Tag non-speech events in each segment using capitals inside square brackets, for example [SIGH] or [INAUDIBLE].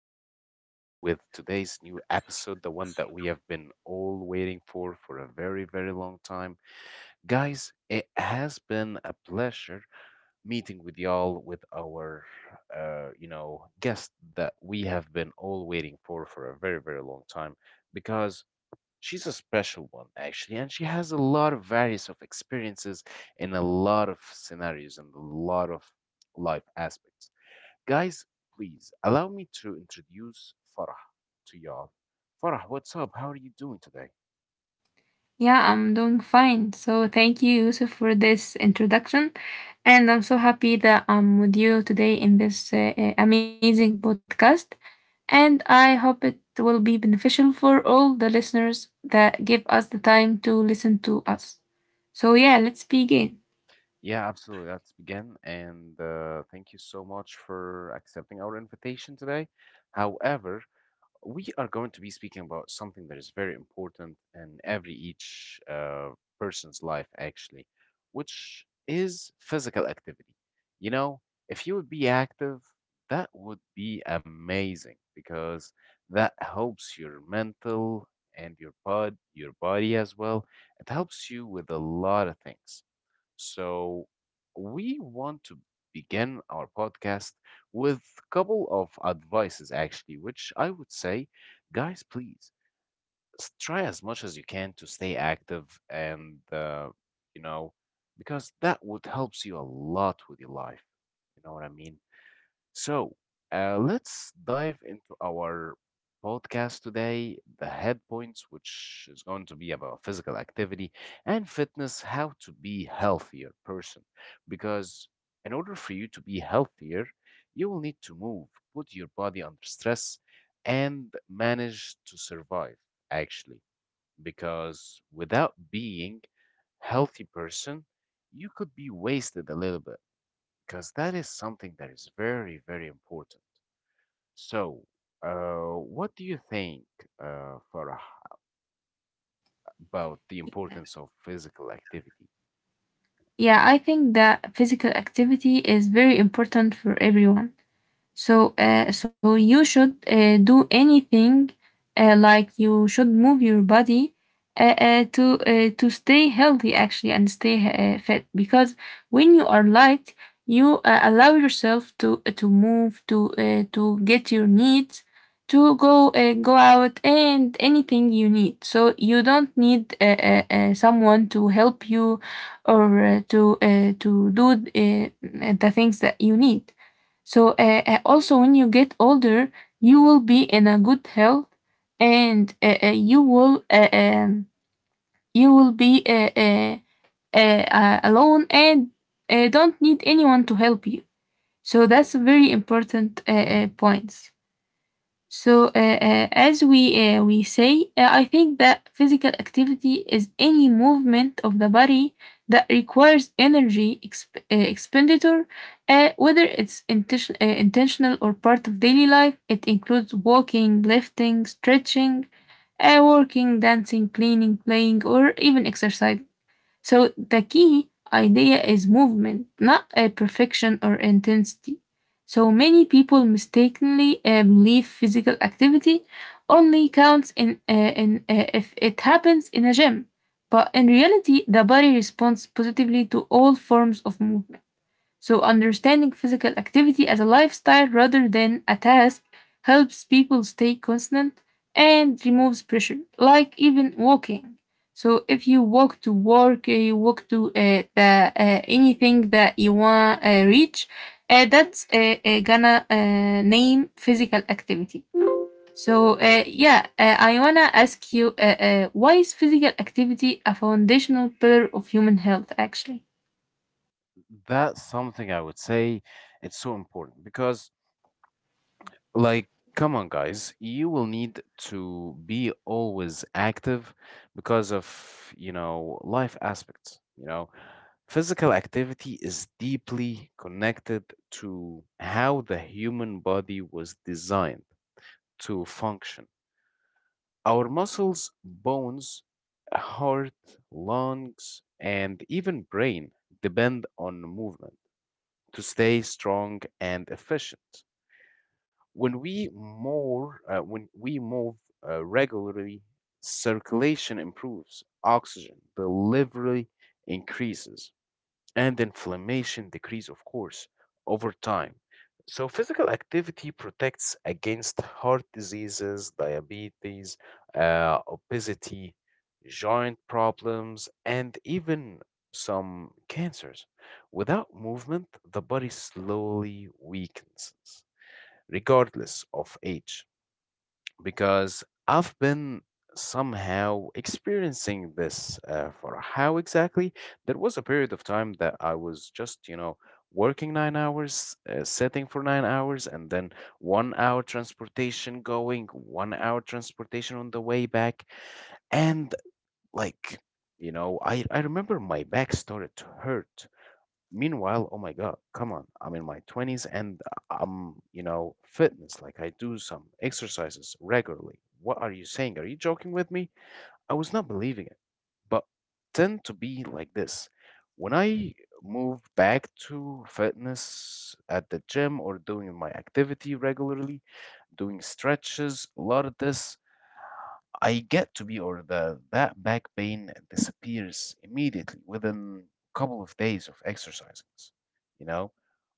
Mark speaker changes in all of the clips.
Speaker 1: back, everybody, with today's new episode, the one that we have been all waiting for a very, very long time. Guys, it has been a pleasure meeting with y'all with our, guest that we have been all waiting for a very, very long time because she's a special one, actually, and she has a lot of various of experiences in a lot of scenarios and a lot of life aspects. Guys, please allow me to introduce Farah to y'all. Farah, what's up? How are you doing today?
Speaker 2: Yeah, I'm doing fine. So thank you, Yusuf, for this introduction. And I'm so happy that I'm with you today in this amazing podcast. And I hope it will be beneficial for all the listeners that give us the time to listen to us. So, yeah, let's begin.
Speaker 1: Yeah, absolutely. Let's begin. And thank you so much for accepting our invitation today. However, we are going to be speaking about something that is very important in every each person's life, actually, which is physical activity. You know, if you would be active, that would be amazing because that helps your mental and your your body as well. It helps you with a lot of things. So, we want to begin our podcast with a couple of advices, actually, which I would say, guys, please try as much as you can to stay active and, you know, because that would helps you a lot with your life. You know what I mean? So let's dive into our podcast today the head points, which is going to be about physical activity and fitness, how to be healthier person. Because in order for you to be healthier, you will need to move, put your body under stress, and manage to survive, actually. Because without being healthy person, you could be wasted a little bit because that is something that is very, very important. So, what do you think, Farah, about the importance of physical activity?
Speaker 2: Yeah, I think that physical activity is very important for everyone. So, you should do anything like you should move your body to stay healthy actually and stay fit because when you are light, you allow yourself to move to get your needs to go out and anything you need. So you don't need someone to help you or to do the things that you need. So also when you get older, you will be in a good health, and you will be alone and don't need anyone to help you. So that's very important points. So, as we say, I think that physical activity is any movement of the body that requires energy expenditure, whether it's intentional or part of daily life. It includes walking, lifting, stretching, working, dancing, cleaning, playing, or even exercising. So the key idea is movement, not a perfection or intensity. So many people mistakenly believe physical activity only counts in if it happens in a gym, but in reality, the body responds positively to all forms of movement. So, understanding physical activity as a lifestyle rather than a task helps people stay constant and removes pressure, like even walking. So, if you walk to work, you walk to anything that you want to reach, that's gonna name physical activity. So, yeah, I wanna ask you why is physical activity a foundational pillar of human health actually?
Speaker 1: That's something I would say it's so important because, like, come on, guys, you will need to be always active because of, you know, life aspects, you know. Physical activity is deeply connected to how the human body was designed to function. Our muscles, bones, heart, lungs, and even brain depend on movement to stay strong and efficient. When we move regularly, circulation improves, oxygen delivery increases, and inflammation decrease, of course, over time. So, physical activity protects against heart diseases, diabetes, obesity, joint problems, and even some cancers. Without movement, the body slowly weakens, regardless of age because I've been somehow experiencing this for how exactly. There was a period of time that I was just, you know, working 9 hours, sitting for 9 hours, and then 1 hour transportation going, 1 hour transportation on the way back. And like, you know, I remember my back started to hurt. Meanwhile, oh my God, come on. I'm in my 20s and I'm, you know, fitness. Like I do some exercises regularly. What are you saying? Are you joking with me? I was not believing it. But tend to be like this. When I moved back to fitness at the gym or doing my activity regularly, doing stretches, a lot of this I get to be, or the that back pain disappears immediately within a couple of days of exercising, you know,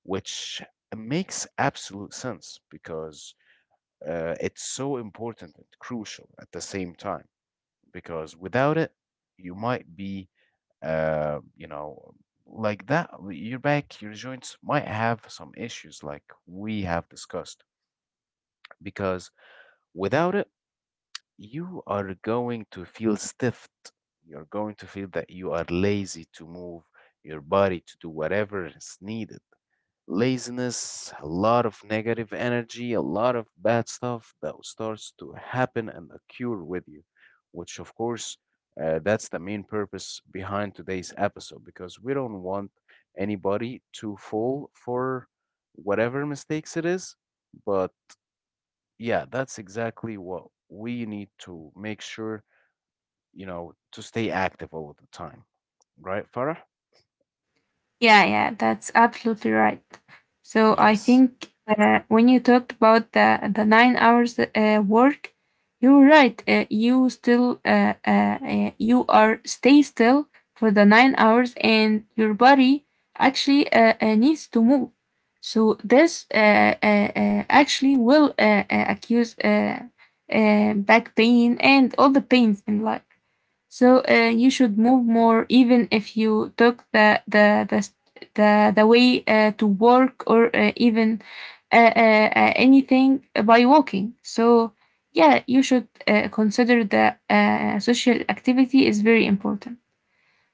Speaker 1: which makes absolute sense because it's so important and crucial at the same time. Because without it, you might be, uh, you know, like that, your back, your joints might have some issues like we have discussed. Because without it, you are going to feel stiffed. You're going to feel that you are lazy to move your body to do whatever is needed. Laziness, a lot of negative energy, a lot of bad stuff that starts to happen and occur with you, which, of course, that's the main purpose behind today's episode because we don't want anybody to fall for whatever mistakes it is. But yeah, that's exactly what we need to make sure you know, to stay active all the time, right, Farah?
Speaker 2: Yeah, yeah, that's absolutely right. So I
Speaker 1: Yes,
Speaker 2: think when you talked about the 9 hours work, you're right. You are stay still for the 9 hours, and your body actually needs to move. So this actually will accuse back pain and all the pains in life. So you should move more, even if you took the way to work or even anything by walking. So yeah, you should consider that social activity is very important.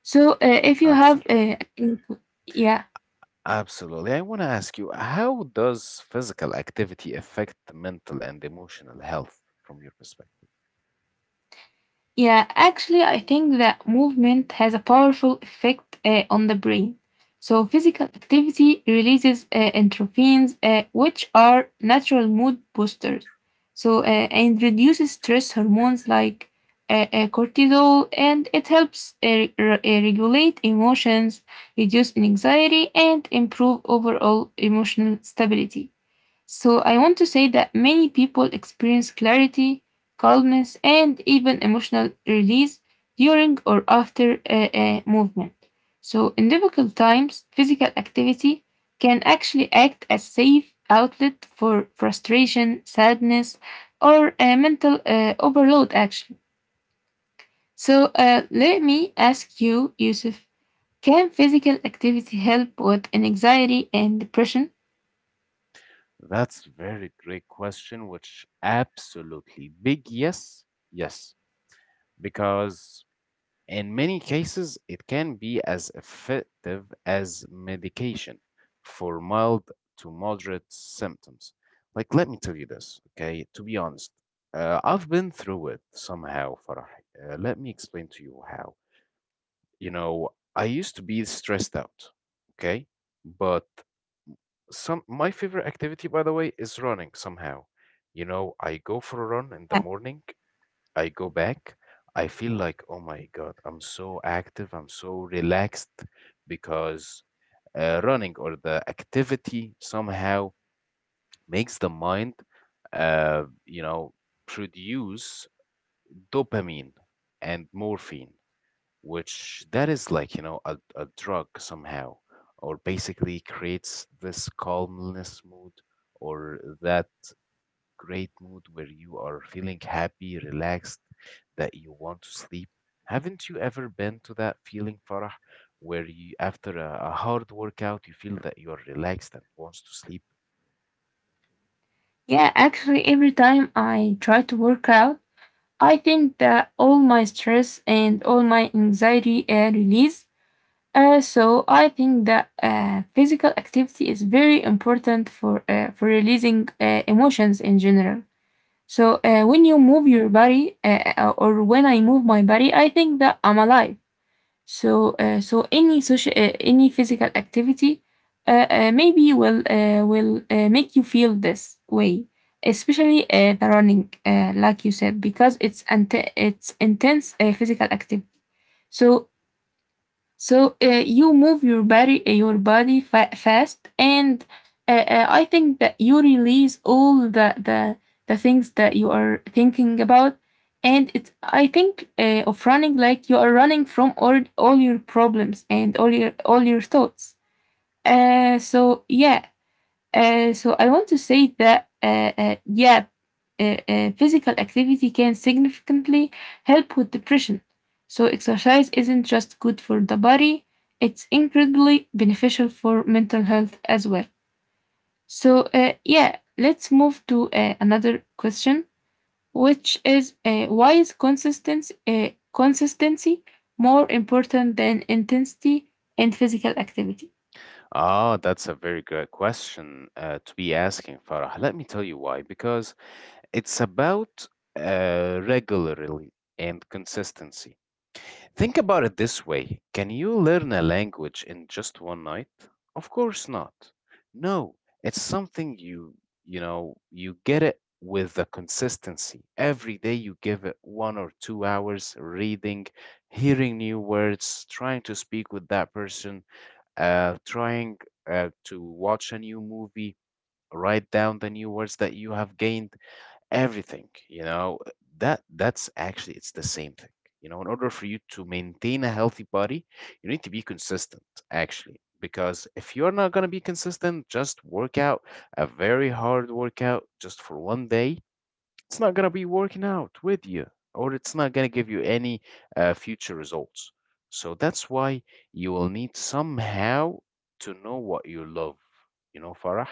Speaker 2: So if you have
Speaker 1: absolutely.
Speaker 2: yeah.
Speaker 1: Absolutely. I want to ask you, how does physical activity affect the mental and emotional health from your perspective,
Speaker 2: Yeah, actually, I think that movement has a powerful effect on the brain. So, physical activity releases endorphins, which are natural mood boosters. So, and reduces stress hormones like cortisol, and it helps regulate emotions, reduce anxiety, and improve overall emotional stability. So, I want to say that many people experience clarity, calmness, and even emotional release during or after a movement. So, in difficult times, physical activity can actually act as safe outlet for frustration, sadness, or a mental overload, actually. So, let me ask you, Yusuf, can physical activity help with anxiety and depression?
Speaker 1: Ro? That's very great question, which absolutely big yes, yes, because in many cases, it can be as effective as medication for mild to moderate symptoms. Like, let me tell you this, okay? To be honest, I've been through it somehow, Farah. Let me explain to you how. You know, I used to be stressed out, okay? But some my favorite activity, by the way, is running somehow. You know, I go for a run in the morning. I go back, I feel like, oh my God, I'm so active, I'm so relaxed because running or the activity somehow makes the mind, uh, you know, produce dopamine and morphine, which that is like, you know, a drug somehow, or basically creates this calmness mood or that great mood where you are feeling happy, relaxed, that you want to sleep. Haven't you ever been to that feeling, Farah, where you, after a hard workout, you feel that you are relaxed and wants to sleep?
Speaker 2: Yeah, actually, every time I try to work out, I think that all my stress and all my anxiety release. So I think that physical activity is very important for for releasing emotions in general. So
Speaker 1: Mhm.
Speaker 2: when you move your body, or when I move my body, I think that I'm alive. So any physical activity maybe will make you feel this way, especially the running, like you said, because it's intense physical activity. So so you move your body fast, and I think that you release all the things that you are thinking about, and it's I think of running like you are running from all your problems and all your thoughts. So yeah, so I want to say that yeah, physical activity can significantly help with depression. So exercise isn't just good for the body; it's incredibly beneficial for mental health as well. So yeah, let's move to another question, which is why is consistency more important than intensity in physical activity?
Speaker 1: Ah, that's a very good question to be asking, Farah. Let me tell you why. Because it's about regularly and consistency. Think about it this way. Can you learn a language in just one night? Of course not. No, it's something you, you know, you get it with the consistency. Every day you give it 1 or 2 hours reading, hearing new words, trying to speak with that person, trying to watch a new movie, write down the new words that you have gained everything, you know, that that's actually it's the same thing, you know, in order for you to maintain a healthy body you need to be consistent actually, because if you're not going to be consistent just work out a very hard workout just for one day, it's not going to be working out with you, or it's not going to give you any future results. So that's why you will need somehow to know what you love, you know, Farah.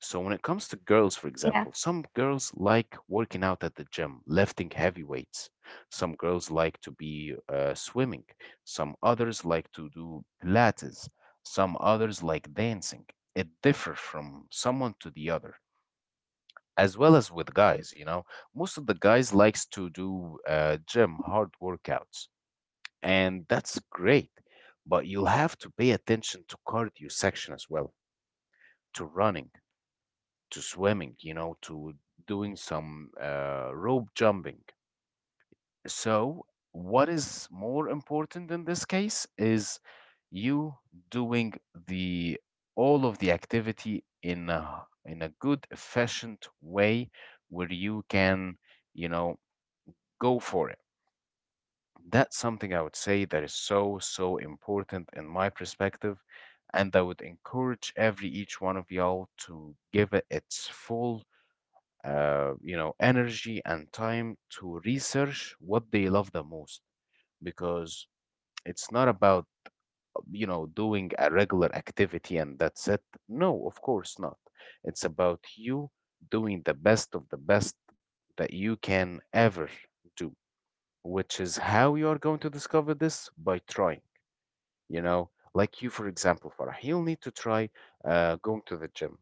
Speaker 1: So when it comes to girls, for
Speaker 2: Yeah.
Speaker 1: example, some girls like working out at the gym, lifting heavy weights. Some girls like to be swimming. Some others like to do Pilates. Some others like dancing. It differs from someone to the other as well as with guys, you know, most of the guys likes to do gym hard workouts, and that's great, but you'll have to pay attention to cardio section as well, to running, to swimming, you know, to doing some rope jumping. So what is more important in this case is you doing the all of the activity in in a good efficient way where you can, you know, go for it. That's something I would say that is so, so important in my perspective. And I would encourage every each one of y'all to give it its full, energy and time to research what they love the most because it's not about, you know, doing a regular activity and that's it. No, of course not. It's about you doing the best of the best that you can ever do, which is how you are going to discover this by trying, you know, like you for example Farah, you'll need to try going to the gym.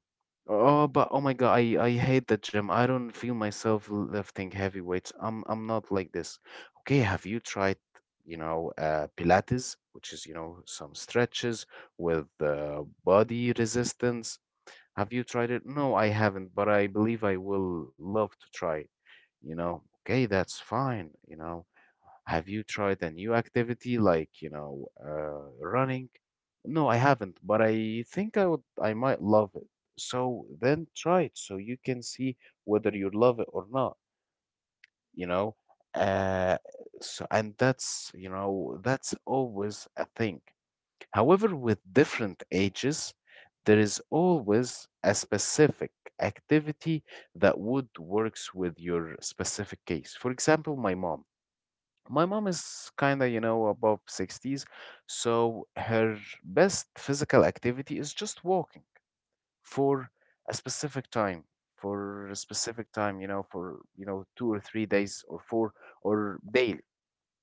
Speaker 1: Oh but oh my god, I hate the gym, I don't feel myself lifting heavy weights, I'm not like this. Okay, have you tried, you know, Pilates, which is, you know, some stretches with body resistance. Have you tried it? No, I haven't, but I believe I will love to try it. You know, okay, that's fine. You know, have you tried a new activity like, you know, running? No, I haven't, but I think I would, I might love it. So then try it so you can see whether you love it or not, you know. Uh, so, and that's, you know, that's always a thing. However, with different ages, there is always a specific activity that would works with your specific case. For example, my mom. My mom is kind of, you know, above 60s, so her best physical activity is just walking for a specific time, for a specific time, you know, for, you know, 2 or 3 days or four or daily.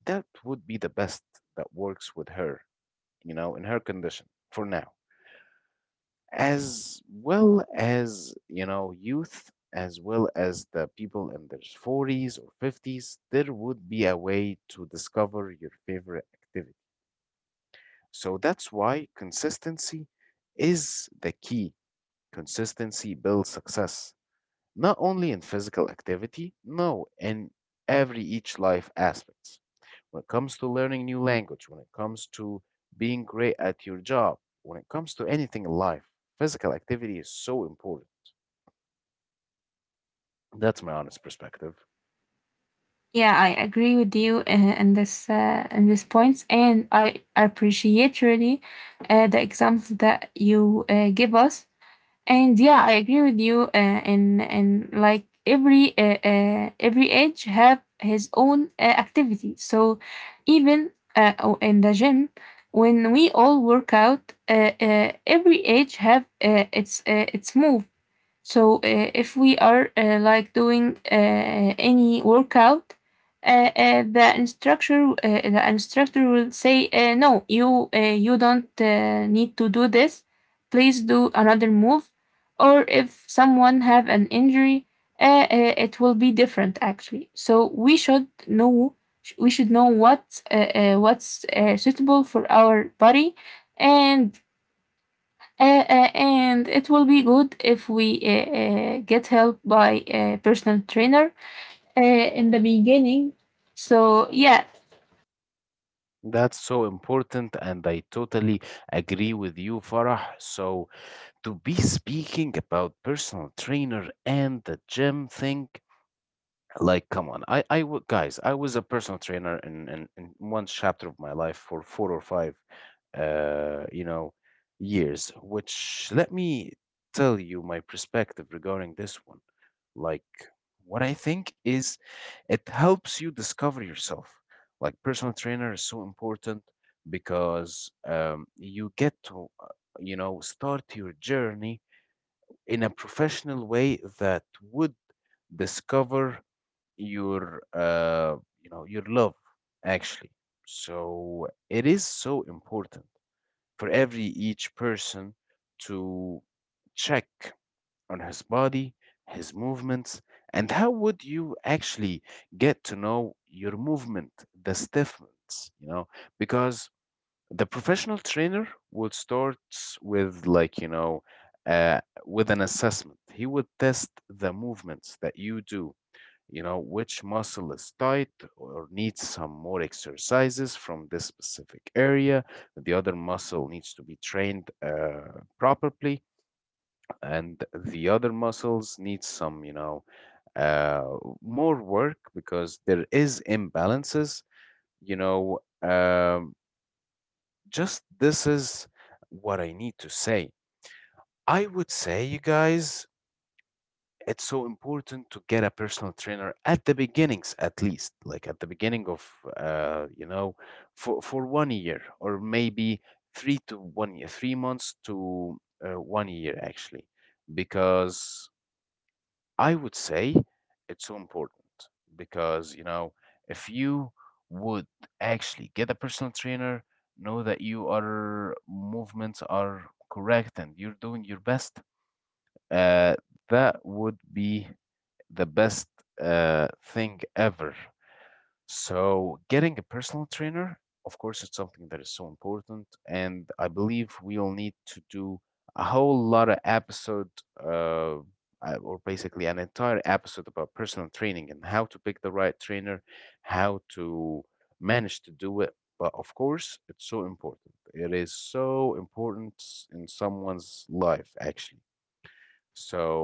Speaker 1: That would be the best that works with her, you know, in her condition for now. As well as, you know, youth, as well as the people in their 40s or 50s, there would be a way to discover your favorite activity. So that's why consistency is the key. Consistency builds success, not only in physical activity, no, in every each life aspects. When it comes to learning new language, when it comes to being great at your job, when it comes to anything in life, physical activity is so important. That's my honest perspective.
Speaker 2: Yeah, I agree with you in these points, and I appreciate really the examples that you give us. And yeah, I agree with you. In like every age have his own activity. So even in the gym, when we all work out, every age have its move. So if we are like doing any workout, the instructor will say, "No, you don't need to do this. Please do another move." Or if someone have an injury, it will be different actually. So we should know what's suitable for our body and and it will be good if we get help by a personal trainer in the beginning. So yeah,
Speaker 1: That's so important, and I totally agree with you, Farah. So, to be speaking about personal trainer and the gym thing, like, come on, guys, I was a personal trainer in one chapter of my life for four or five, uh, you know, years, which let me tell you my perspective regarding this one. Like, what I think is it helps you discover yourself. Like, personal trainer is so important because you get to, you know, start your journey in a professional way that would discover your, you know, your love actually. So it is so important for every each person to check on his body, his movements, and how would you actually get to know your movement, the stiffness, you know? Because the professional trainer would start with, like, you know, uh, with an assessment. He would test the movements that you do, you know, which muscle is tight or needs some more exercises from this specific area. The other muscle needs to be trained properly, and the other muscles need some, you know, uh, more work because there is imbalances. You know, um, just this is what I need to say. I would say, you guys, it's so important to get a personal trainer at the beginnings, at least, like at the beginning of, uh, you know, for 1 year, or maybe 3 to 1 year, 3 months to 1 year actually, because I would say it's so important because, you know, if you would actually get a personal trainer, know that your movements are correct and you're doing your best, uh, that would be the best thing ever. So, getting a personal trainer, of course, it's something that is so important, and I believe we'll need to do a whole lot of episode, uh, or basically an entire episode about personal training and how to pick the right trainer, how to manage to do it. But of course, it's so important. It is so important in someone's life, actually.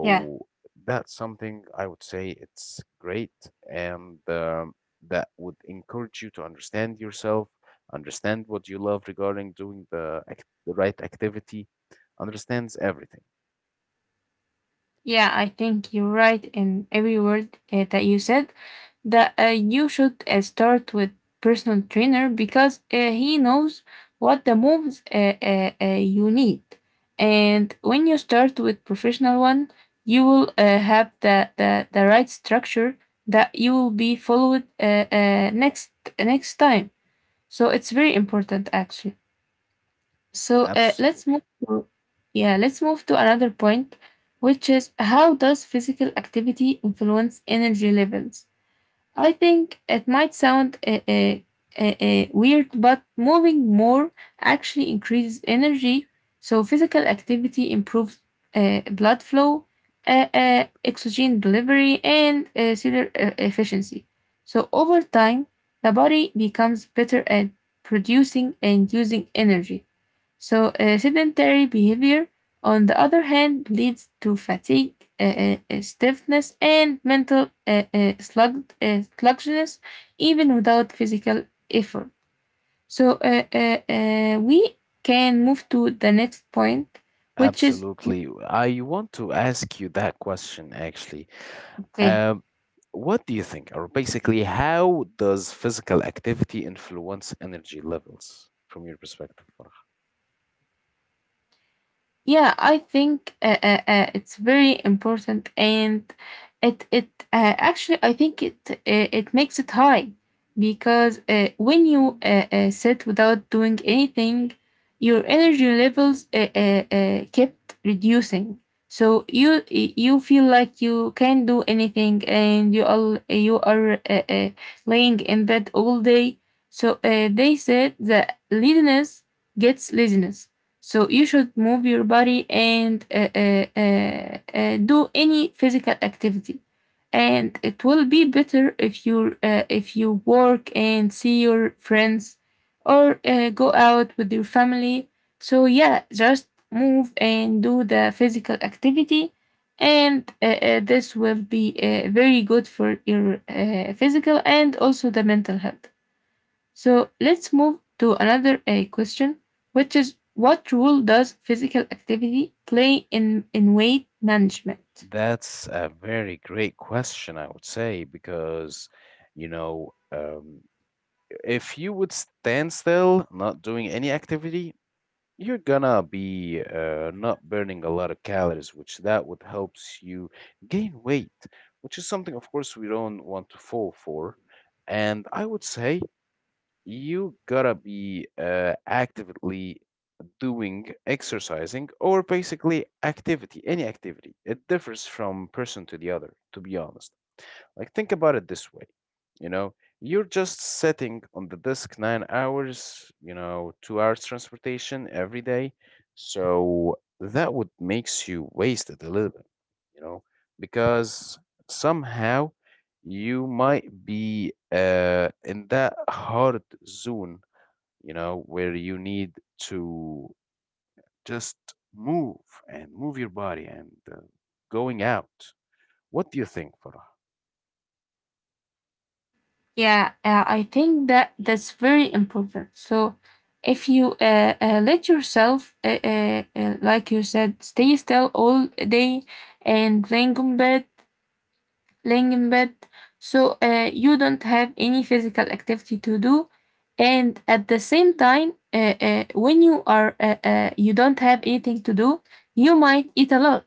Speaker 2: yeah.
Speaker 1: that's something I would say it's great, and that would encourage you to understand yourself, understand what you love regarding doing the right activity, understands everything.
Speaker 2: Yeah, I think you're right in every word that you said. That you should start with personal trainer because he knows what the moves you need, and when you start with professional one, you will have the right structure that you will be followed uh, next next time. So it's very important actually. So let's
Speaker 1: Absolutely,
Speaker 2: move to another point, which is how does physical activity influence energy levels? I think it might sound weird, but moving more actually increases energy. So, physical activity improves blood flow, oxygen delivery, and cellular efficiency. So, over time, the body becomes better at producing and using energy. So, sedentary behavior, on the other hand, leads to fatigue, stiffness, and mental sluggishness, even without physical effort. So, we can move to the next point, which is
Speaker 1: absolutely. I want to ask you that question actually.
Speaker 2: okay.
Speaker 1: Um, what do you think, or basically, how does physical activity influence energy levels from your perspective?
Speaker 2: Yeah, I think it's very important, and it actually I think it makes it high because when you sit without doing anything, your energy levels kept reducing. So you feel like you can't do anything, and you are laying in bed all day. So they said that laziness gets laziness, so you should move your body and do any physical activity, and it will be better if you if you work and see your friends, or go out with your family. So yeah, just move and do the physical activity, and this will be very good for your physical and also the mental health. So let's move to another question, which is what role does physical activity play in weight management?
Speaker 1: That's a very great question, I would say, because, you know, um, if you would stand still, not doing any activity, you're gonna be not burning a lot of calories, which that would helps you gain weight, which is something, of course, we don't want to fall for. And I would say you gotta be actively doing exercising or basically activity, any activity. It differs from person to the other, to be honest. Like, think about it this way, you know, you're just sitting on the desk 9 hours, you know, 2 hours transportation every day. So that would makes you wasted a little bit, you know, because somehow you might be in that hard zone, you know, where you need to just move and move your body and going out. What do you think, Farah?
Speaker 2: Yeah, I think that that's very important. So if you let yourself, like you said, stay still all day and lying on bed laying in bed. So you don't have any physical activity to do, and at the same time, when you don't have anything to do, you might eat a lot.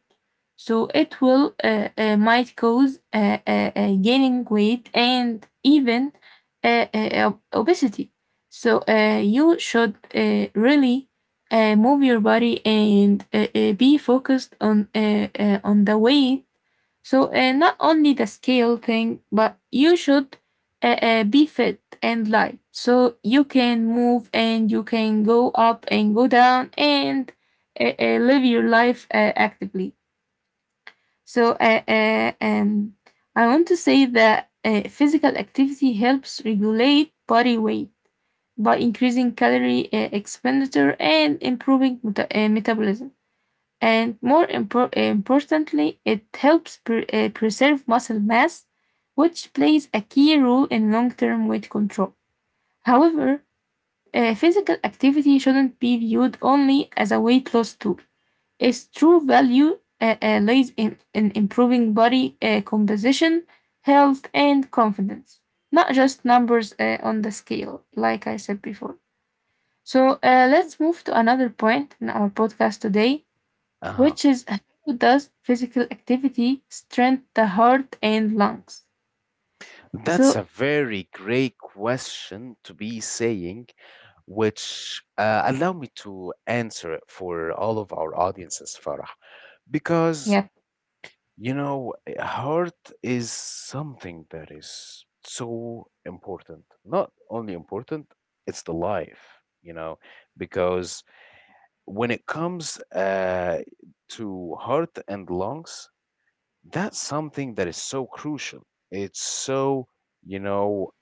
Speaker 2: So it will might cause gaining weight and even uh, uh, obesity. So you should really move your body and be focused on the weight, so not only the scale thing, but you should be fit and light. So you can move and you can go up and go down and live your life actively. So I want to say that physical activity helps regulate body weight by increasing calorie expenditure and improving metabolism. And more importantly, it helps preserve muscle mass, which plays a key role in long term weight control. However, physical activity shouldn't be viewed only as a weight loss tool. Its true value lies in improving body composition, health, and confidence, not just numbers on the scale, like I said before. So let's move to another point in our podcast today
Speaker 1: Uh-huh.
Speaker 2: which is how does physical activity strengthen the heart and lungs?
Speaker 1: That's
Speaker 2: So
Speaker 1: a very great question to be saying, which allow me to answer it for all of our audiences, Farah. Because,
Speaker 2: yeah,
Speaker 1: you know, heart is something that is so important. Not only important, it's the life, you know, because when it comes to heart and lungs, that's something that is so crucial. It's so, you know,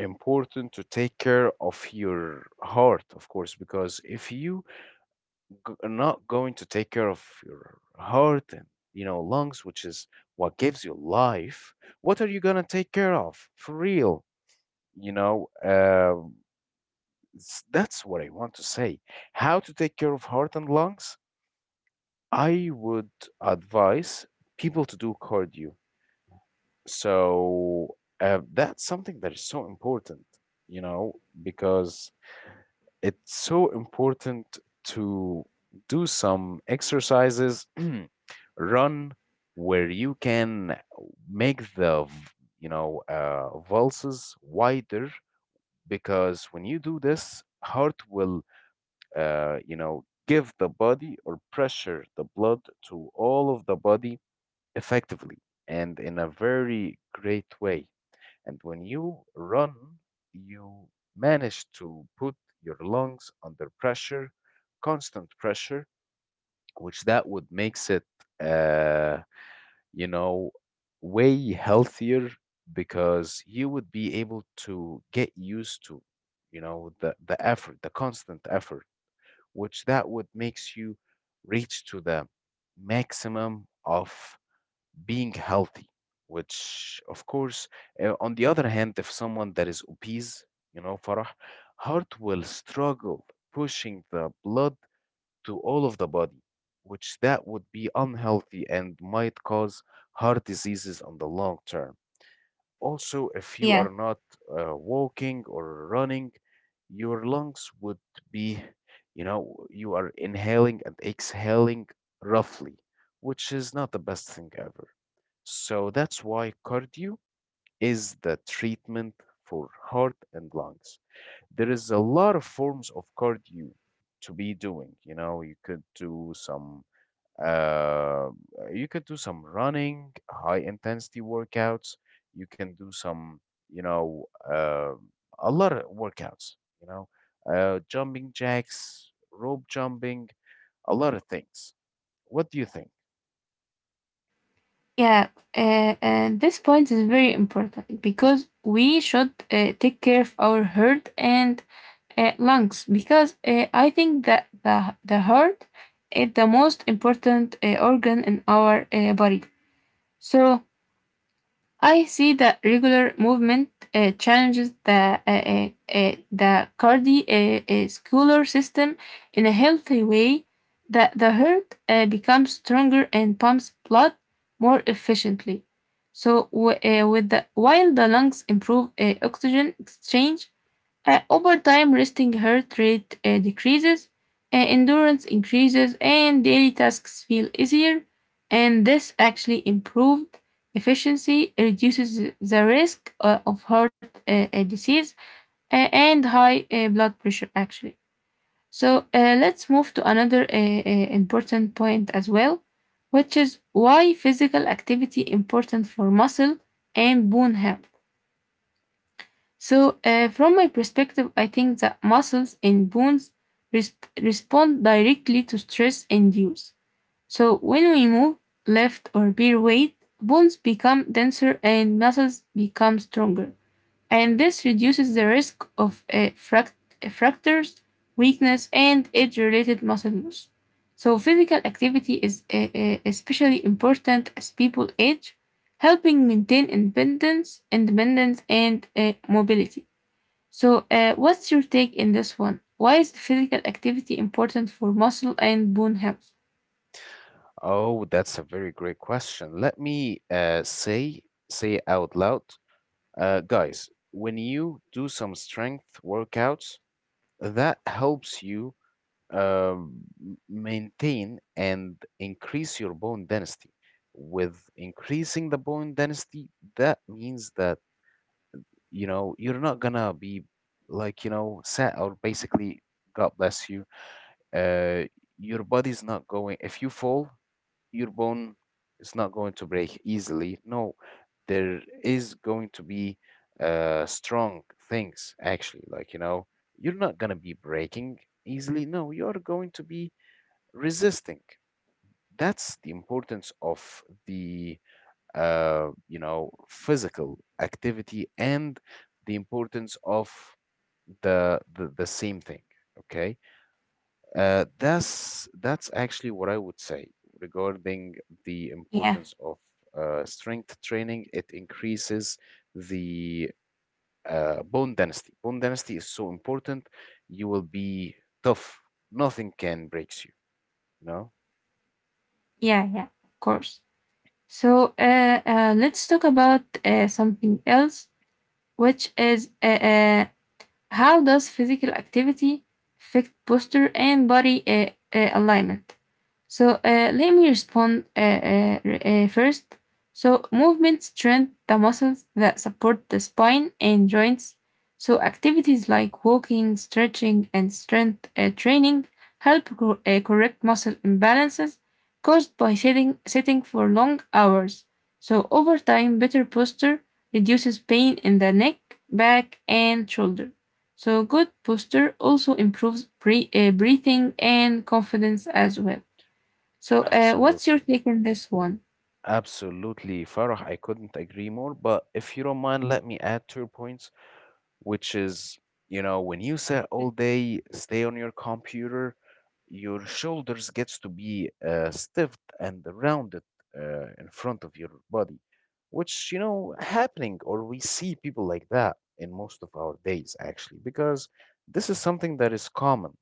Speaker 1: important to take care of your heart, of course, because if you are not going to take care of your heart and, you know, lungs, which is what gives you life, what are you going to take care of for real? You know, Um that's what I want to say. How to take care of heart and lungs? I would advise people to do cardio. So that's something that is so important, you know, because it's so important to do some exercises, [CLEARS THROAT] run where you can make you know, pulses wider because when you do this, heart will, you know, give the body or pressure the blood to all of the body effectively and in a very great way. And when you run, you manage to put your lungs under pressure, constant pressure, which that would makes it, uh, you know, way healthier because you would be able to get used to, you know, the effort, the constant effort, which that would makes you reach to the maximum of being healthy, which of course, on the other hand, if someone that is obese, you know, Farah, heart will struggle pushing the blood to all of the body, which that would be unhealthy and might cause heart diseases on the long term. Also, if you
Speaker 2: yeah,
Speaker 1: are not walking or running, your lungs would be, you know, you are inhaling and exhaling roughly, which is not the best thing ever. So that's why cardio is the treatment for heart and lungs. There is a lot of forms of cardio to be doing. You know, you could do some uh, running, high intensity workouts. You can do some, you know, uh, a lot of workouts, you know, jumping jacks, rope jumping, a lot of things. What do you think?
Speaker 2: yeah. And this point is very important because we should take care of our heart and lungs because I think that the heart is the most important organ in our body. So I see that regular movement challenges the cardiovascular system in a healthy way. The heart becomes stronger and pumps blood more efficiently. So, with while the lungs improve oxygen exchange, over time, resting heart rate decreases, endurance increases, and daily tasks feel easier. And this actually improved efficiency, reduces the risk of heart disease and high blood pressure, actually. So, let's move to another important point as well, which is why physical activity important for muscle and bone health. So, from my perspective, I think that muscles and bones res- respond directly to stress and use. So, when we move, lift, or bear weight, bones become denser and muscles become stronger. And this reduces the risk of fractures, weakness, and age related muscle loss. So, physical activity is especially important as people age, helping maintain independence and mobility. So, what's your take in this one? Why is physical activity important for muscle and bone health?
Speaker 1: Oh, that's a very great question. Let me say it out loud, guys. When you do some strength workouts, that helps you uh, maintain and increase your bone density. With increasing the bone density, that means that, you know, you're not gonna be, like, you know, sat or basically, God bless you. Uh, your body's not going. If you fall, your bone is not going to break easily. No, there is going to be strong things actually. Like, you know, you're not gonna be breaking easily. No, you're going to be resisting. That's the importance of the, you know, physical activity, and the importance of the same thing. Okay, that's actually what I would say regarding the
Speaker 2: Yeah,
Speaker 1: importance of strength training. It increases the bone density. Bone density is so important. You will be tough. Nothing can breaks you. You know.
Speaker 2: yeah, of course. So, let's talk about something else, which is how does physical activity affect posture and body alignment? So let me respond first. So movements train the muscles that support the spine and joints. So activities like walking, stretching, and strength training help correct muscle imbalances caused by sitting for long hours. So over time, better posture reduces pain in the neck, back, and shoulder. So, good posture also improves breathing and confidence as well. So, what's your
Speaker 1: Absolutely.
Speaker 2: take on this one?
Speaker 1: Absolutely, Farah. I couldn't agree more. But if you don't mind, let me add two points, which is, you know, when you sit all day, stay on your computer, your shoulders gets to be stiff and rounded in front of your body, which, you know, happening, or we see people like that in most of our days, actually, because this is something that is common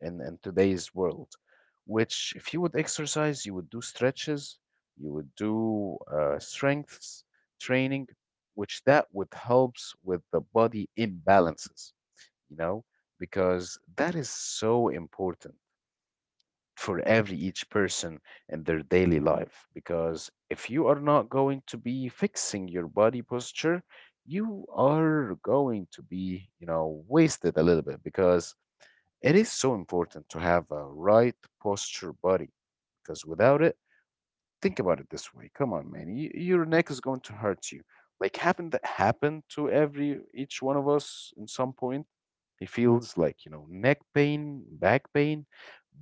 Speaker 1: in today's world, which if you would exercise, you would do stretches, you would do strengths training, which that would helps with the body imbalances, you know, because that is so important for every each person in their daily life. Because if you are not going to be fixing your body posture, you are going to be, you know, wasted a little bit because it is so important to have a right posture body because without it, think about it this way. Come on, man. Your neck is going to hurt you. Like, happened, that happened to every each one of us in some point. He feels like, you know, neck pain, back pain.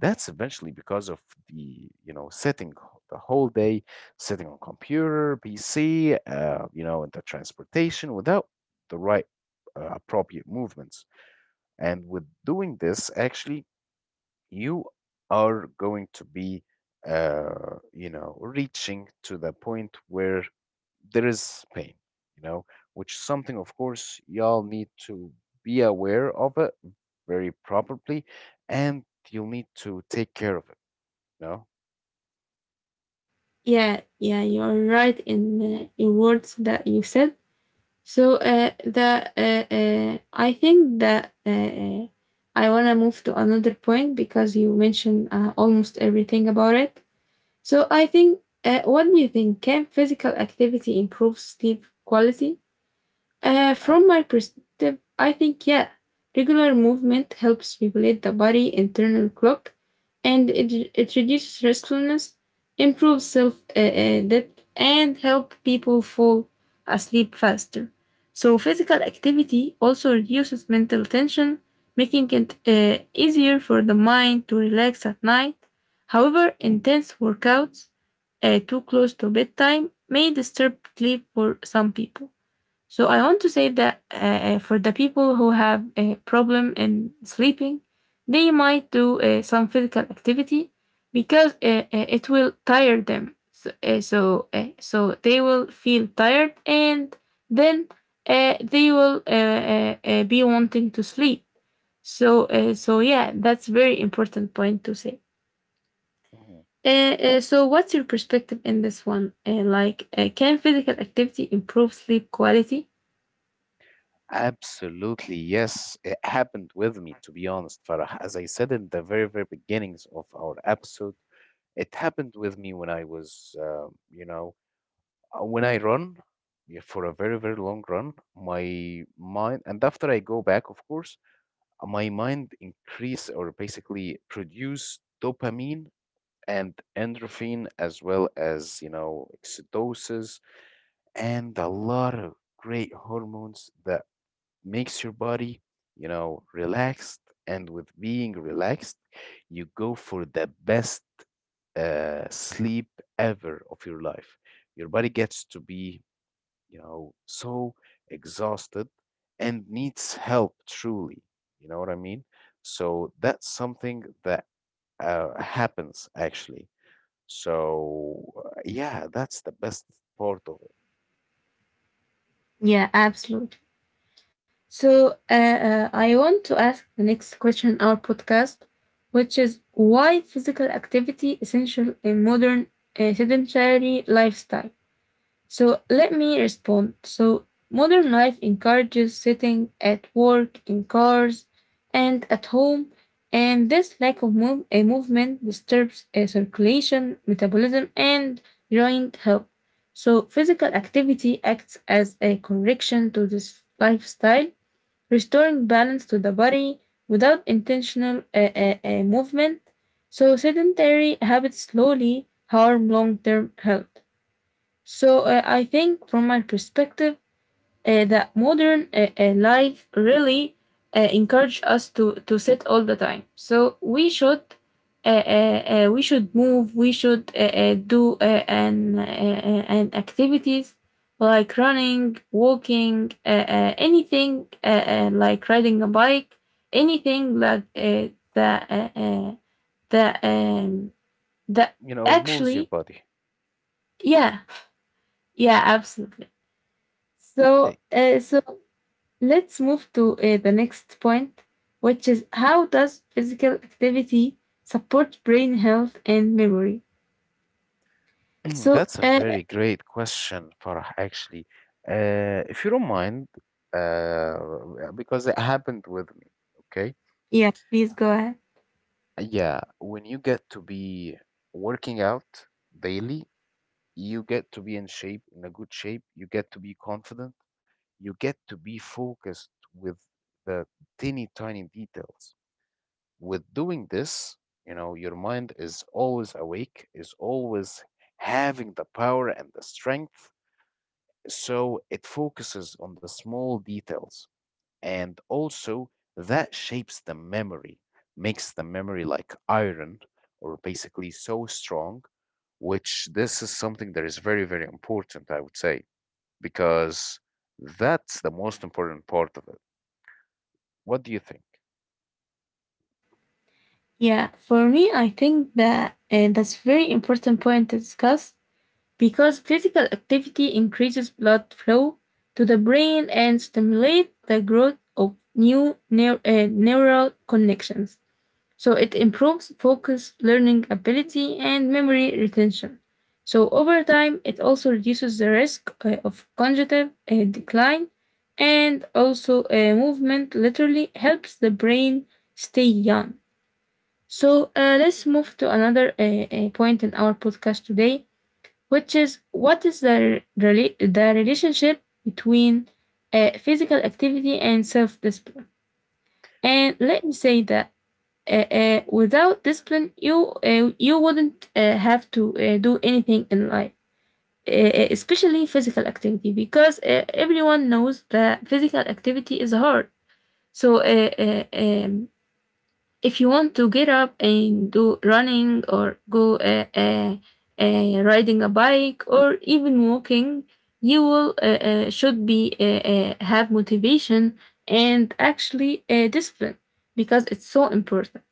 Speaker 1: That's eventually because of the, you know, the whole day, sitting on computer, PC, you know, in the transportation without the right appropriate movements. And with doing this, actually, you are going to be, you know, reaching to the point where there is pain, you know, which is something, of course, y'all need to be aware of it very properly, and you'll need to take care of it, you know.
Speaker 2: Yeah, yeah, you're right in words that you said. So the I think that I wanna move to another point because you mentioned almost everything about it. So I think, what do you think? Can physical activity improve sleep quality?
Speaker 1: Uh,
Speaker 2: From my perspective, I think yeah, regular movement helps regulate the body internal clock, and it reduces restfulness, improves self depth, and help people fall asleep faster. So physical activity also reduces mental tension, making it easier for the mind to relax at night. However, intense workouts too close to bedtime may disturb sleep for some people. So I want to say that for the people who have a problem in sleeping, they might do some physical activity because it will tire them. So they will feel tired, and then they will be wanting to sleep. So yeah, that's very important point to say.
Speaker 1: Mhm.
Speaker 2: Uh, so what's your perspective in this one? Can physical activity improve sleep quality?
Speaker 1: Absolutely, yes. It happened with me, to be honest, Farah. As I said in the very, very beginnings of our episode, it happened with me when I was, when I run, yeah, for a very, very long run, my mind, and after I go back, of course, my mind increase or basically produce dopamine and endorphin, as well as, you know, oxytocin and a lot of great hormones that makes your body, you know, relaxed. And with being relaxed, you go for the best sleep ever of your life. Your body gets to be, you know, so exhausted and needs help truly. You know what I mean? So that's something that happens actually. So yeah, that's the best part of it.
Speaker 2: Yeah, absolutely. So I want to ask the next question in our podcast, which is why physical activity essential in modern sedentary lifestyle. So let me respond. So modern life encourages sitting at work, in cars, and at home, and this lack of movement disturbs circulation, metabolism, and joint health. So physical activity acts as a correction to this lifestyle restoring balance to the body without intentional movement. So, sedentary habits slowly harm long term health. So, I think from my perspective, that modern life really encourage us to sit all the time. So we should move. We should do an activities like running, walking, anything like riding a bike, anything like that that that
Speaker 1: You know, moves your
Speaker 2: actually
Speaker 1: body.
Speaker 2: yeah yeah absolutely. So
Speaker 1: Eh,
Speaker 2: uh, so let's move to the next point, which is how does physical activity support brain health and memory?
Speaker 1: [CLEARS THROAT]
Speaker 2: So,
Speaker 1: that's a very great question, Farah, actually. If you don't mind, uh, because it happened with me, okay?
Speaker 2: yeah, please go ahead.
Speaker 1: Yeah, when you get to be working out daily, you get to be in shape, in a good shape. You get to be confident. You get to be focused with the teeny tiny details. With doing this, your mind is always awake, is always having the power and the strength. So it focuses on the small details. And also, that shapes the memory, makes the memory like iron or basically so strong, which this is something that is very, very important, I would say because that's the most important part of it. What do you think?
Speaker 2: Yeah, for me, I think that that's very important point to discuss because physical activity increases blood flow to the brain and stimulate the growth of new neural connections. So it improves focus, learning ability, and memory retention. So over time, it also reduces the risk of cognitive decline and also movement literally helps the brain stay young. So let's move to another point in our podcast today, which is what is the relationship between physical activity and self discipline? And let me say that without discipline you wouldn't have to do anything in life especially physical activity because everyone knows that physical activity is hard so if you want to get up and do running or go riding a bike or even walking you will should be have motivation and actually discipline because it's so important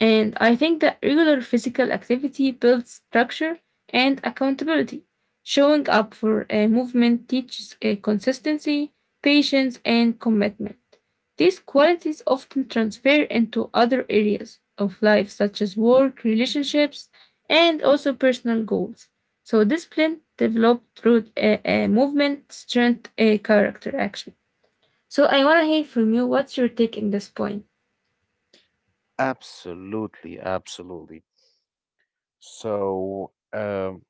Speaker 2: and I think that regular physical activity builds structure and accountability. Showing up for a movement teaches a consistency, patience, and commitment. These qualities often transfer into other areas of life, such as work, relationships, and also personal goals. So, discipline developed through a movement, strength, a character, action. So, I want to hear from you what's your take in this point?
Speaker 1: Absolutely, absolutely. So, um,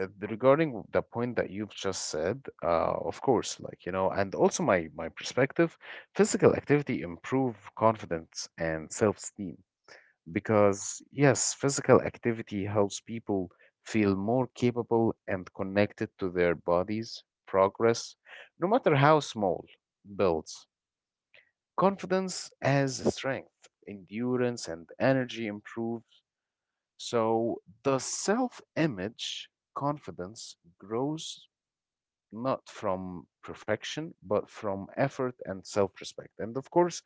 Speaker 1: uh, regarding the point that you've just said, of course, like, and also my perspective, physical activity improve confidence and self-esteem because yes, physical activity helps people feel more capable and connected to their bodies' progress, no matter how small, builds. Confidence as strength, endurance, and energy improve. So the self image confidence grows not from perfection, but from effort and self respect. And of course,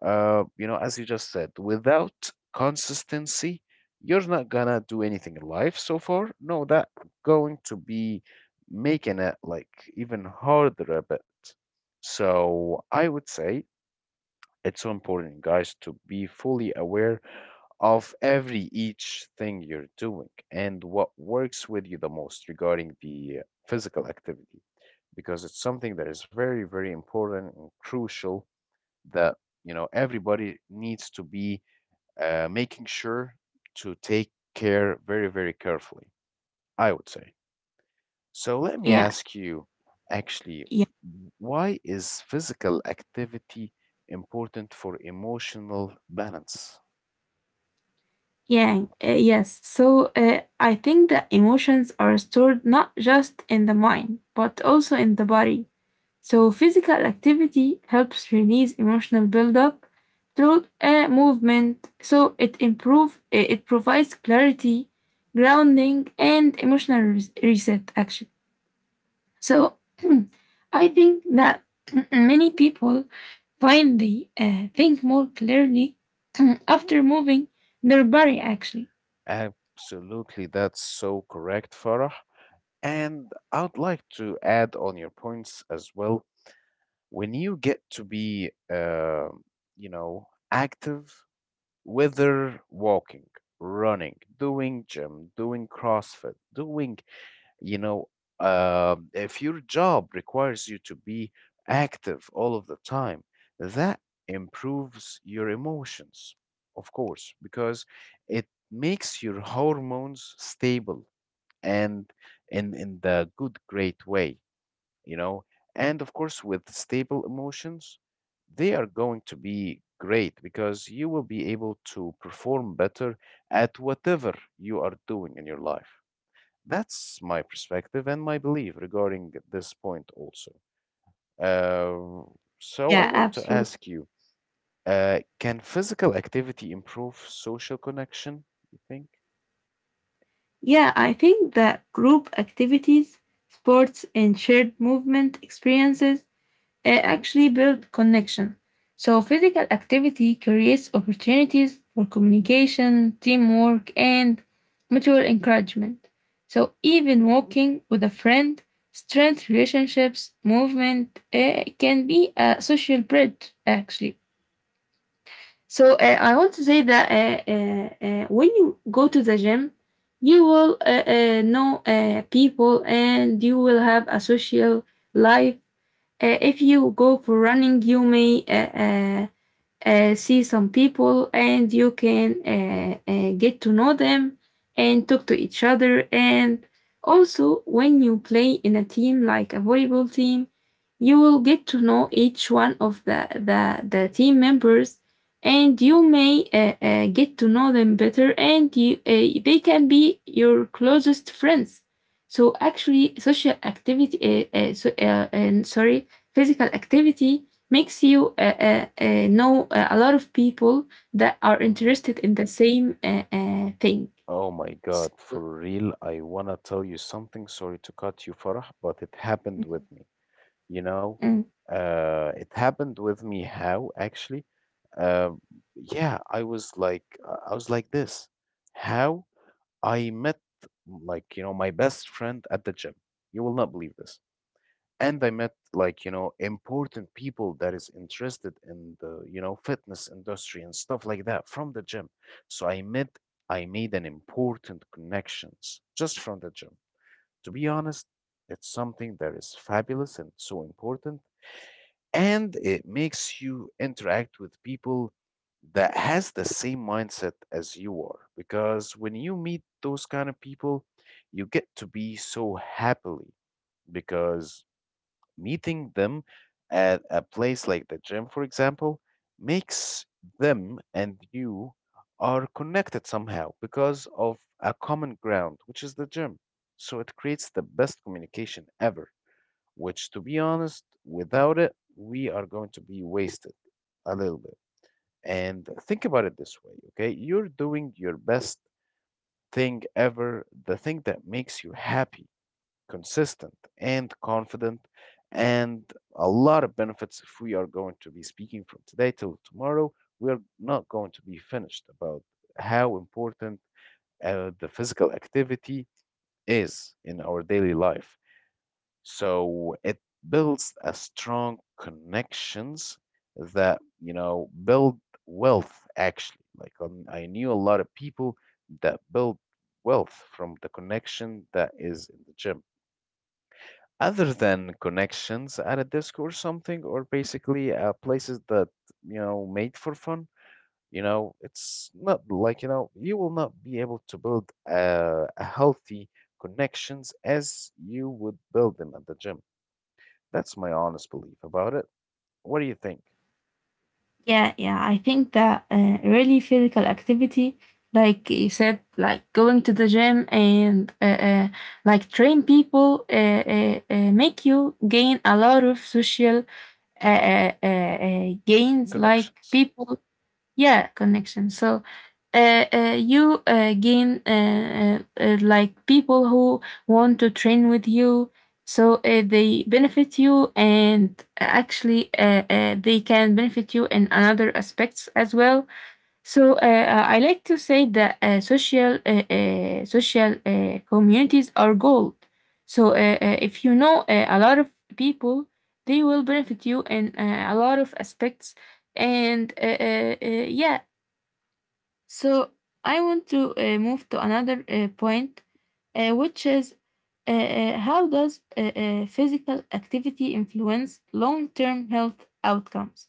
Speaker 1: as you just said, without consistency, you're not gonna do anything in life so far. No, that going to be making it like even harder a bit. So I would say it's so important, guys, to be fully aware of every each thing you're doing and what works with you the most regarding the physical activity because it's something that is very very important and crucial that everybody needs to be making sure to take care very very carefully, I would say. So let me
Speaker 2: Yeah,
Speaker 1: ask you, actually,
Speaker 2: yeah.
Speaker 1: why is physical activity important for emotional balance?
Speaker 2: Yeah, yes. So I think that emotions are stored not just in the mind, but also in the body. So physical activity helps release emotional buildup through movement. So it improve it it provides clarity, grounding, and emotional reset. Actually, so [CLEARS THROAT] I think that [CLEARS THROAT] many people finally think more clearly [CLEARS THROAT] after moving their body. Actually.
Speaker 1: Absolutely, that's so correct, Farah. And I'd like to add on your points as well. When you get to be, active, whether walking, running, doing gym, doing CrossFit, doing you know, if your job requires you to be active all of the time, that improves your emotions, of course, because it makes your hormones stable and in the good, great way, you know. And of course, with stable emotions, they are going to be great because you will be able to perform better at whatever you are doing in your life. That's my perspective and my belief regarding this point also. Uh, so
Speaker 2: Yeah,
Speaker 1: I want to
Speaker 2: absolutely.
Speaker 1: ask you, can physical activity improve social connection, you think?
Speaker 2: Yeah, I think that group activities, sports, and shared movement experiences uh, actually build connection. So, physical activity creates opportunities for communication, teamwork, and mutual encouragement. So, even walking with a friend strengthens relationships. Movement can be a social bridge, actually. So I want to say that when you go to the gym, you will know people and you will have a social life. If you go for running, you may uh, see some people and you can get to know them and talk to each other. And also, when you play in a team like a volleyball team, you will get to know each one of the team members and you may get to know them better and they can be your closest friends. So actually, social activity, so, and sorry, physical activity makes you know a lot of people that are
Speaker 1: Mhm.
Speaker 2: interested in the same thing.
Speaker 1: Oh my God, for real, I wanna tell you something. Sorry to cut you, Farah, but it happened with me. You know,
Speaker 2: Mm,
Speaker 1: it happened with me how actually, um, yeah, I was like this. How I met, like, my best friend at the gym. You will not believe this and I met like important people that is interested in the fitness industry and stuff like that from the gym. So I made an important connections just from the gym. To be honest, it's something that is fabulous and so important and it makes you interact with people that has the same mindset as you are because when you meet those kind of people you get to be so happily because meeting them at a place like the gym, for example, makes them and you are connected somehow because of a common ground, which is the gym. So it creates the best communication ever, which, to be honest, without it, we are going to be wasted a little bit. And think about it this way, okay? You're doing your best thing ever, the thing that makes you happy, consistent, and confident, and a lot of benefits. If we are going to be speaking from today till tomorrow, we are not going to be finished about how important the physical activity is in our daily life. So it builds a strong connections that build wealth actually. Like, I knew a lot of people that build wealth from the connection that is in the gym, other than connections at a disc or something, or basically places that made for fun. It's not like you will not be able to build a healthy connections as you would build them at the gym. That's my honest belief about it. What do you think?
Speaker 2: yeah, yeah. I think that really physical activity, like you said, like going to the gym and like train people, make you gain a lot of social uh, uh, uh, gains. Like
Speaker 1: Connections.
Speaker 2: people yeah connection so you gain like people who want to train with you so they benefit you and actually they can benefit you in another aspects as well so I like to say that social communities are gold. So if you know a lot of people, they will benefit you in a lot of aspects. And yeah, so I want to move to another point, which is how does physical activity influence long-term health outcomes?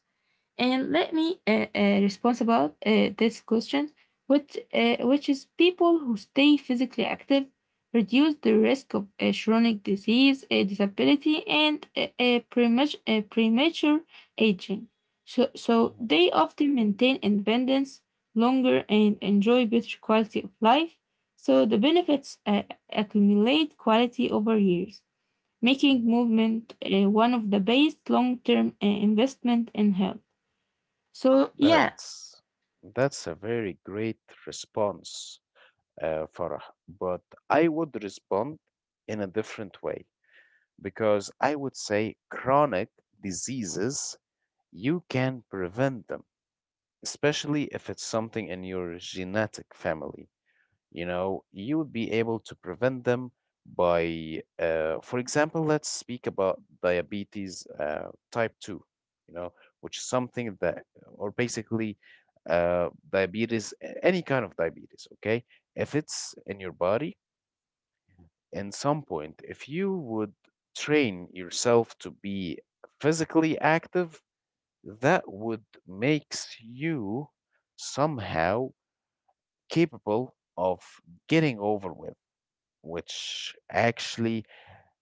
Speaker 2: And let me respond about this question, which is people who stay physically active reduce the risk of chronic disease, disability, and premature aging. So
Speaker 1: Mhm,
Speaker 2: they often maintain independence longer and enjoy better quality of life. So the benefits accumulate quality over years, making
Speaker 1: mhm.
Speaker 2: movement one of the best long-term investment in health. So yeah,
Speaker 1: That's that's a very great response, Farah, but I would respond in a different way because I would say chronic diseases, you can prevent them, especially if it's something in your genetic family. You would be able to prevent them by, for example. Let's speak about diabetes type 2, you know, which is something that, or basically diabetes, any kind of diabetes, okay? If it's in your body, in some point, if you would train yourself to be physically active, that would makes you somehow capable of getting over with, which actually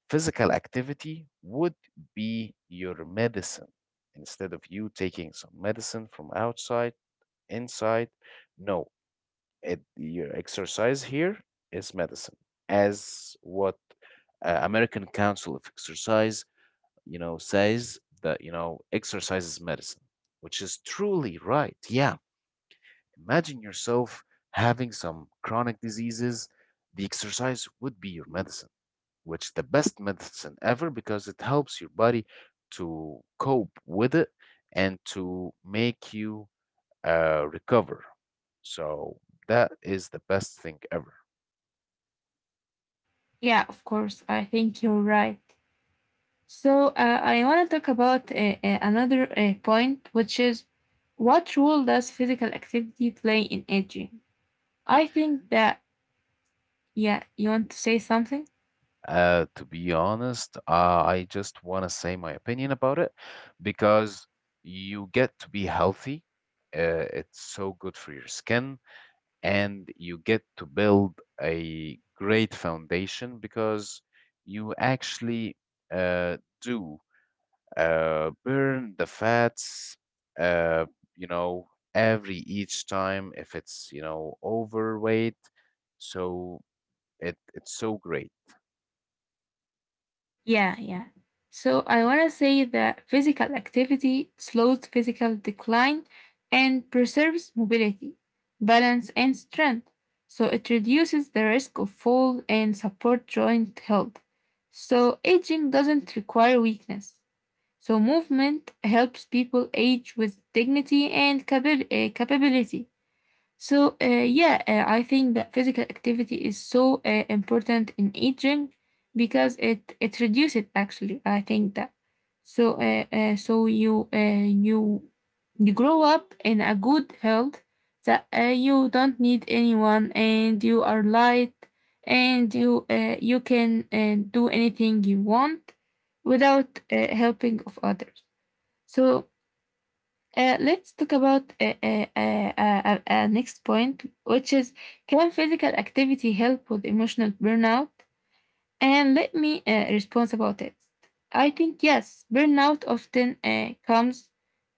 Speaker 1: physical activity would be your medicine instead of you taking some medicine from outside, inside. No, your exercise here is medicine, as what American Council of Exercise, says that, exercise is medicine, which is truly right. Yeah. Imagine yourself having some chronic diseases. The exercise would be your medicine, which the best medicine ever because it helps your body to cope with it and to make you recover. So that is the best thing ever.
Speaker 2: yeah, of course, I think you're right. So I want to talk about another point, which is what role does physical activity play in aging? I think that yeah, you want to say something?
Speaker 1: To be honest, I just want to say my opinion about it because you get to be healthy. It's so good for your skin, and you get to build a great foundation because you actually do burn the fats, uh, you know, every each time if it's, overweight. So it's so great.
Speaker 2: Yeah, yeah. So I want to say that physical activity slows physical decline and preserves mobility, balance, and strength. So it reduces the risk of fall and support joint health. So aging doesn't require weakness. So movement helps people age with dignity and capability. So, yeah, I think that physical activity is so important in aging because it reduces actually. I think that so so you grow up in a good health that you don't need anyone and you are light and you can do anything you want without helping of others. So let's talk about next point, which is can physical activity help with emotional burnout? And let me respond about it. I think yes, burnout often comes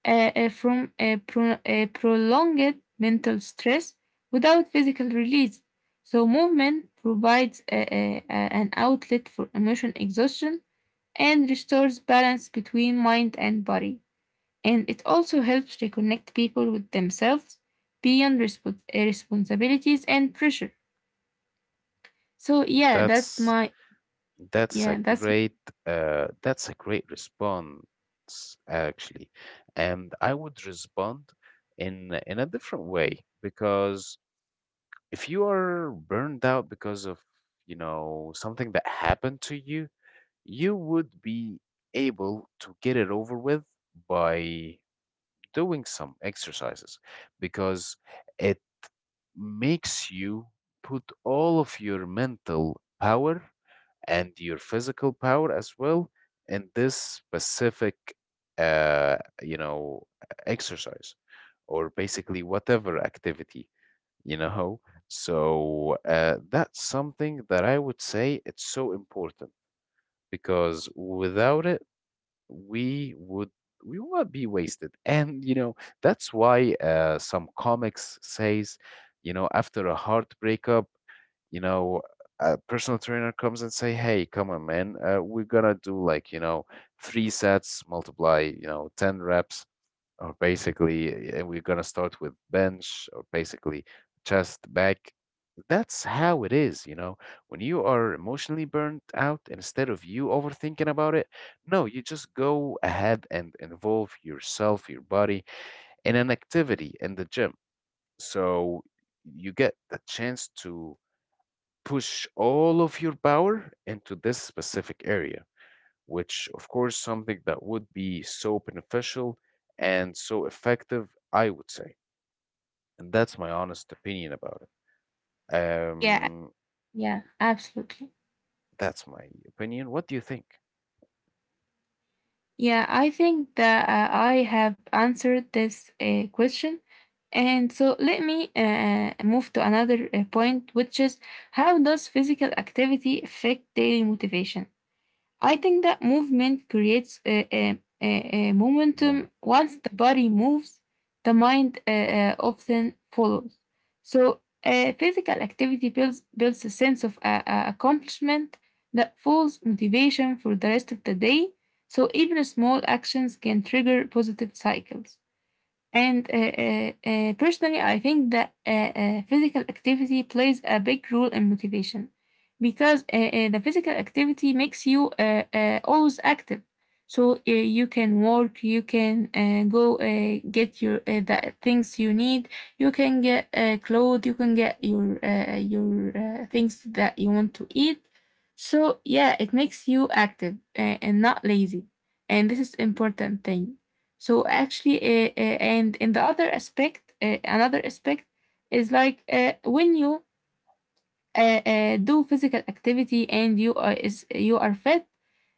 Speaker 2: from a prolonged mental stress without physical release. So movement provides an outlet for emotion exhaustion and restores balance between mind and body and it also helps reconnect people with themselves beyond responsibilities and pressure. So yeah, that's
Speaker 1: That's
Speaker 2: my
Speaker 1: That's a
Speaker 2: yeah, that's
Speaker 1: great that's a great response actually. And I would respond in a different way because if you are burned out because of, something that happened to you, you would be able to get it over with by doing some exercises because it makes you put all of your mental power and your physical power as well in this specific uh, you know exercise, or basically whatever activity. you know so that's something that I would say it's so important, because without it we would we would be wasted. And that's why some comics says, after a hard breakup you know, a personal trainer comes and say, "Hey, come on, man, we're gonna do like three sets, multiply ten reps, or basically, and we're gonna start with bench or basically chest, back." That's how it is. When you are emotionally burnt out, instead of you overthinking about it, no, you just go ahead and involve yourself, your body, in an activity in the gym. So you get the chance to push all of your power into this specific area, which, of course, something that would be so beneficial and so effective, I would say. And that's my honest opinion about it.
Speaker 2: yeah,
Speaker 1: Um,
Speaker 2: yeah, absolutely.
Speaker 1: that's my opinion. What do you think,
Speaker 2: Yeah, I think that I have answered this question. And so let me move to another point, which is how does physical activity affect daily motivation? I think that movement creates a
Speaker 1: Moma?
Speaker 2: momentum. Once the body moves, the mind often follows. So, physical activity builds a sense of accomplishment that fuels motivation for the rest of the day. So, even small actions can trigger positive cycles. And personally, I think that physical activity plays a big role in motivation because the physical activity makes you always active. So you can work, you can go get your the things you need. You can get clothes, you can get your things that you want to eat. So yeah, it makes you active and not lazy, and this is important thing. So actually, and in the other aspect, another aspect is like when you do physical activity and you are fit,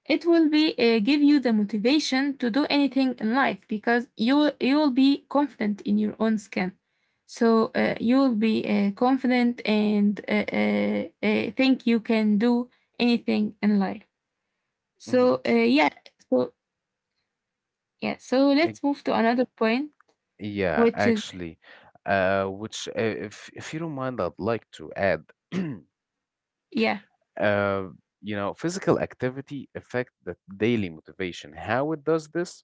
Speaker 2: it will be give you the motivation to do anything in life because you will be confident in your own skin. So you will be confident and think you can do anything in life.
Speaker 1: Hmm.
Speaker 2: So yeah, so yeah, so let's move to another point,
Speaker 1: Yeah,
Speaker 2: which is
Speaker 1: actually, which if you don't mind, I'd like to add, [CLEARS THROAT]
Speaker 2: yeah,
Speaker 1: uh, physical activity affect the daily motivation. How it does this?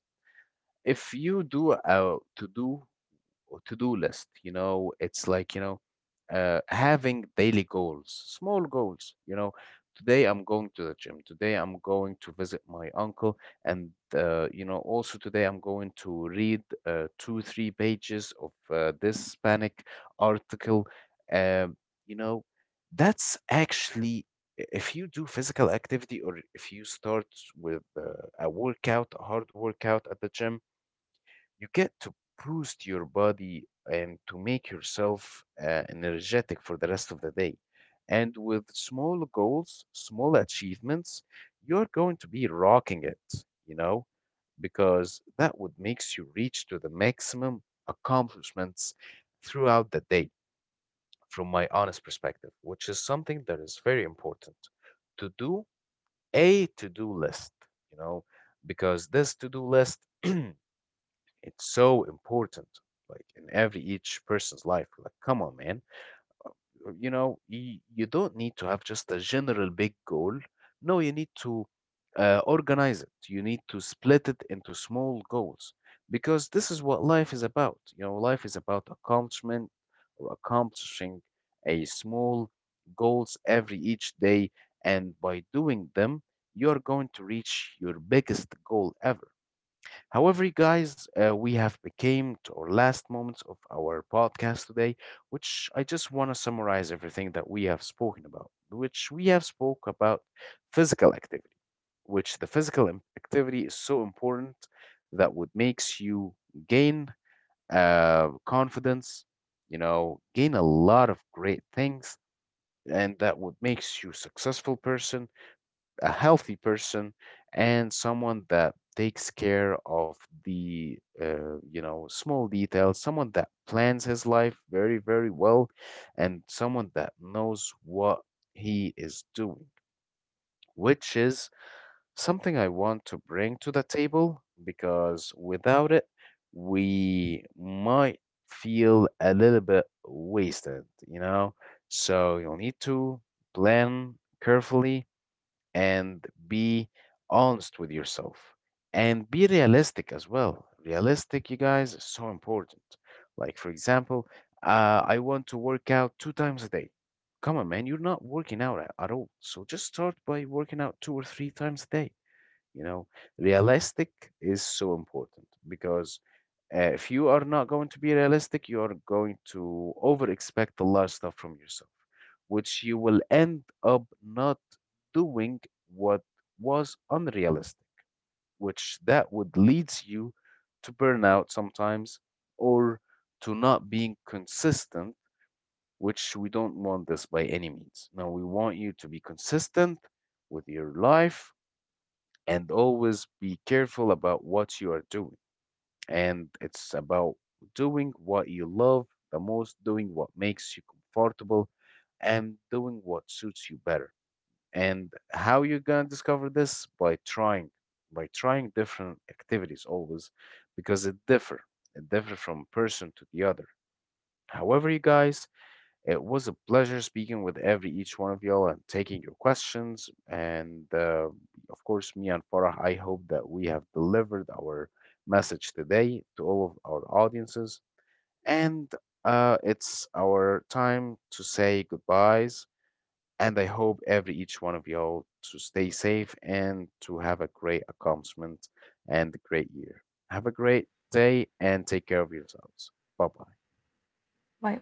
Speaker 1: If you do to do to-do list, it's like, having daily goals, small goals. Today I'm going to the gym, today I'm going to visit my uncle, and also today I'm going to read two three pages of this hispanic article. um, you know that's actually, if you do physical activity, or if you start with a hard workout at the gym, you get to boost your body and to make yourself energetic for the rest of the day. And with small goals, small achievements, you're going to be rocking it, because that would makes you reach to the maximum accomplishments throughout the day, from my honest perspective, which is something that is very important, to do a to-do list, you know, because this to-do list [CLEARS THROAT] it's so important, like in every each person's life. Like, come on, man. You don't need to have just a general big goal. No, you need to organize it. You need to split it into small goals because this is what life is about. Life is about accomplishment, or accomplishing a small goals every each day, and by doing them, you're going to reach your biggest goal ever. However, you guys, we have became to our last moments of our podcast today, which I just want to summarize everything that we have spoken about, which we have spoke about physical activity, which the physical activity is so important, that what makes you gain confidence, gain a lot of great things, and that what makes you successful person, a healthy person, and someone that takes care of the small details, someone that plans his life very very well, and someone that knows what he is doing, which is something I want to bring to the table, because without it we might feel a little bit wasted. So you'll need to plan carefully and be honest with yourself, and be realistic as well. Realistic, you guys, is so important. Like, for example, I want to work out two times a day. Come on, man, you're not working out at all. So just start by working out two or three times a day. You know, realistic is so important, because if you are not going to be realistic, you are going to over expect a lot of stuff from yourself, which you will end up not doing what was unrealistic, which that would leads you to burnout sometimes, or to not being consistent, which we don't want this by any means. Now, we want you to be consistent with your life and always be careful about what you are doing. And it's about doing what you love the most, doing what makes you comfortable, and doing what suits you better. And how you're gonna discover this? By trying different activities always, because it differ. It differ from person to the other. However, you guys, it was a pleasure speaking with every each one of y'all and taking your questions. And of course, me and Farah, I hope that we have delivered our message today to all of our audiences. And it's our time to say goodbyes. And I hope every each one of y'all to stay safe and to have a great accomplishment and a great year. Have a great day and take care of yourselves. Bye bye.
Speaker 2: white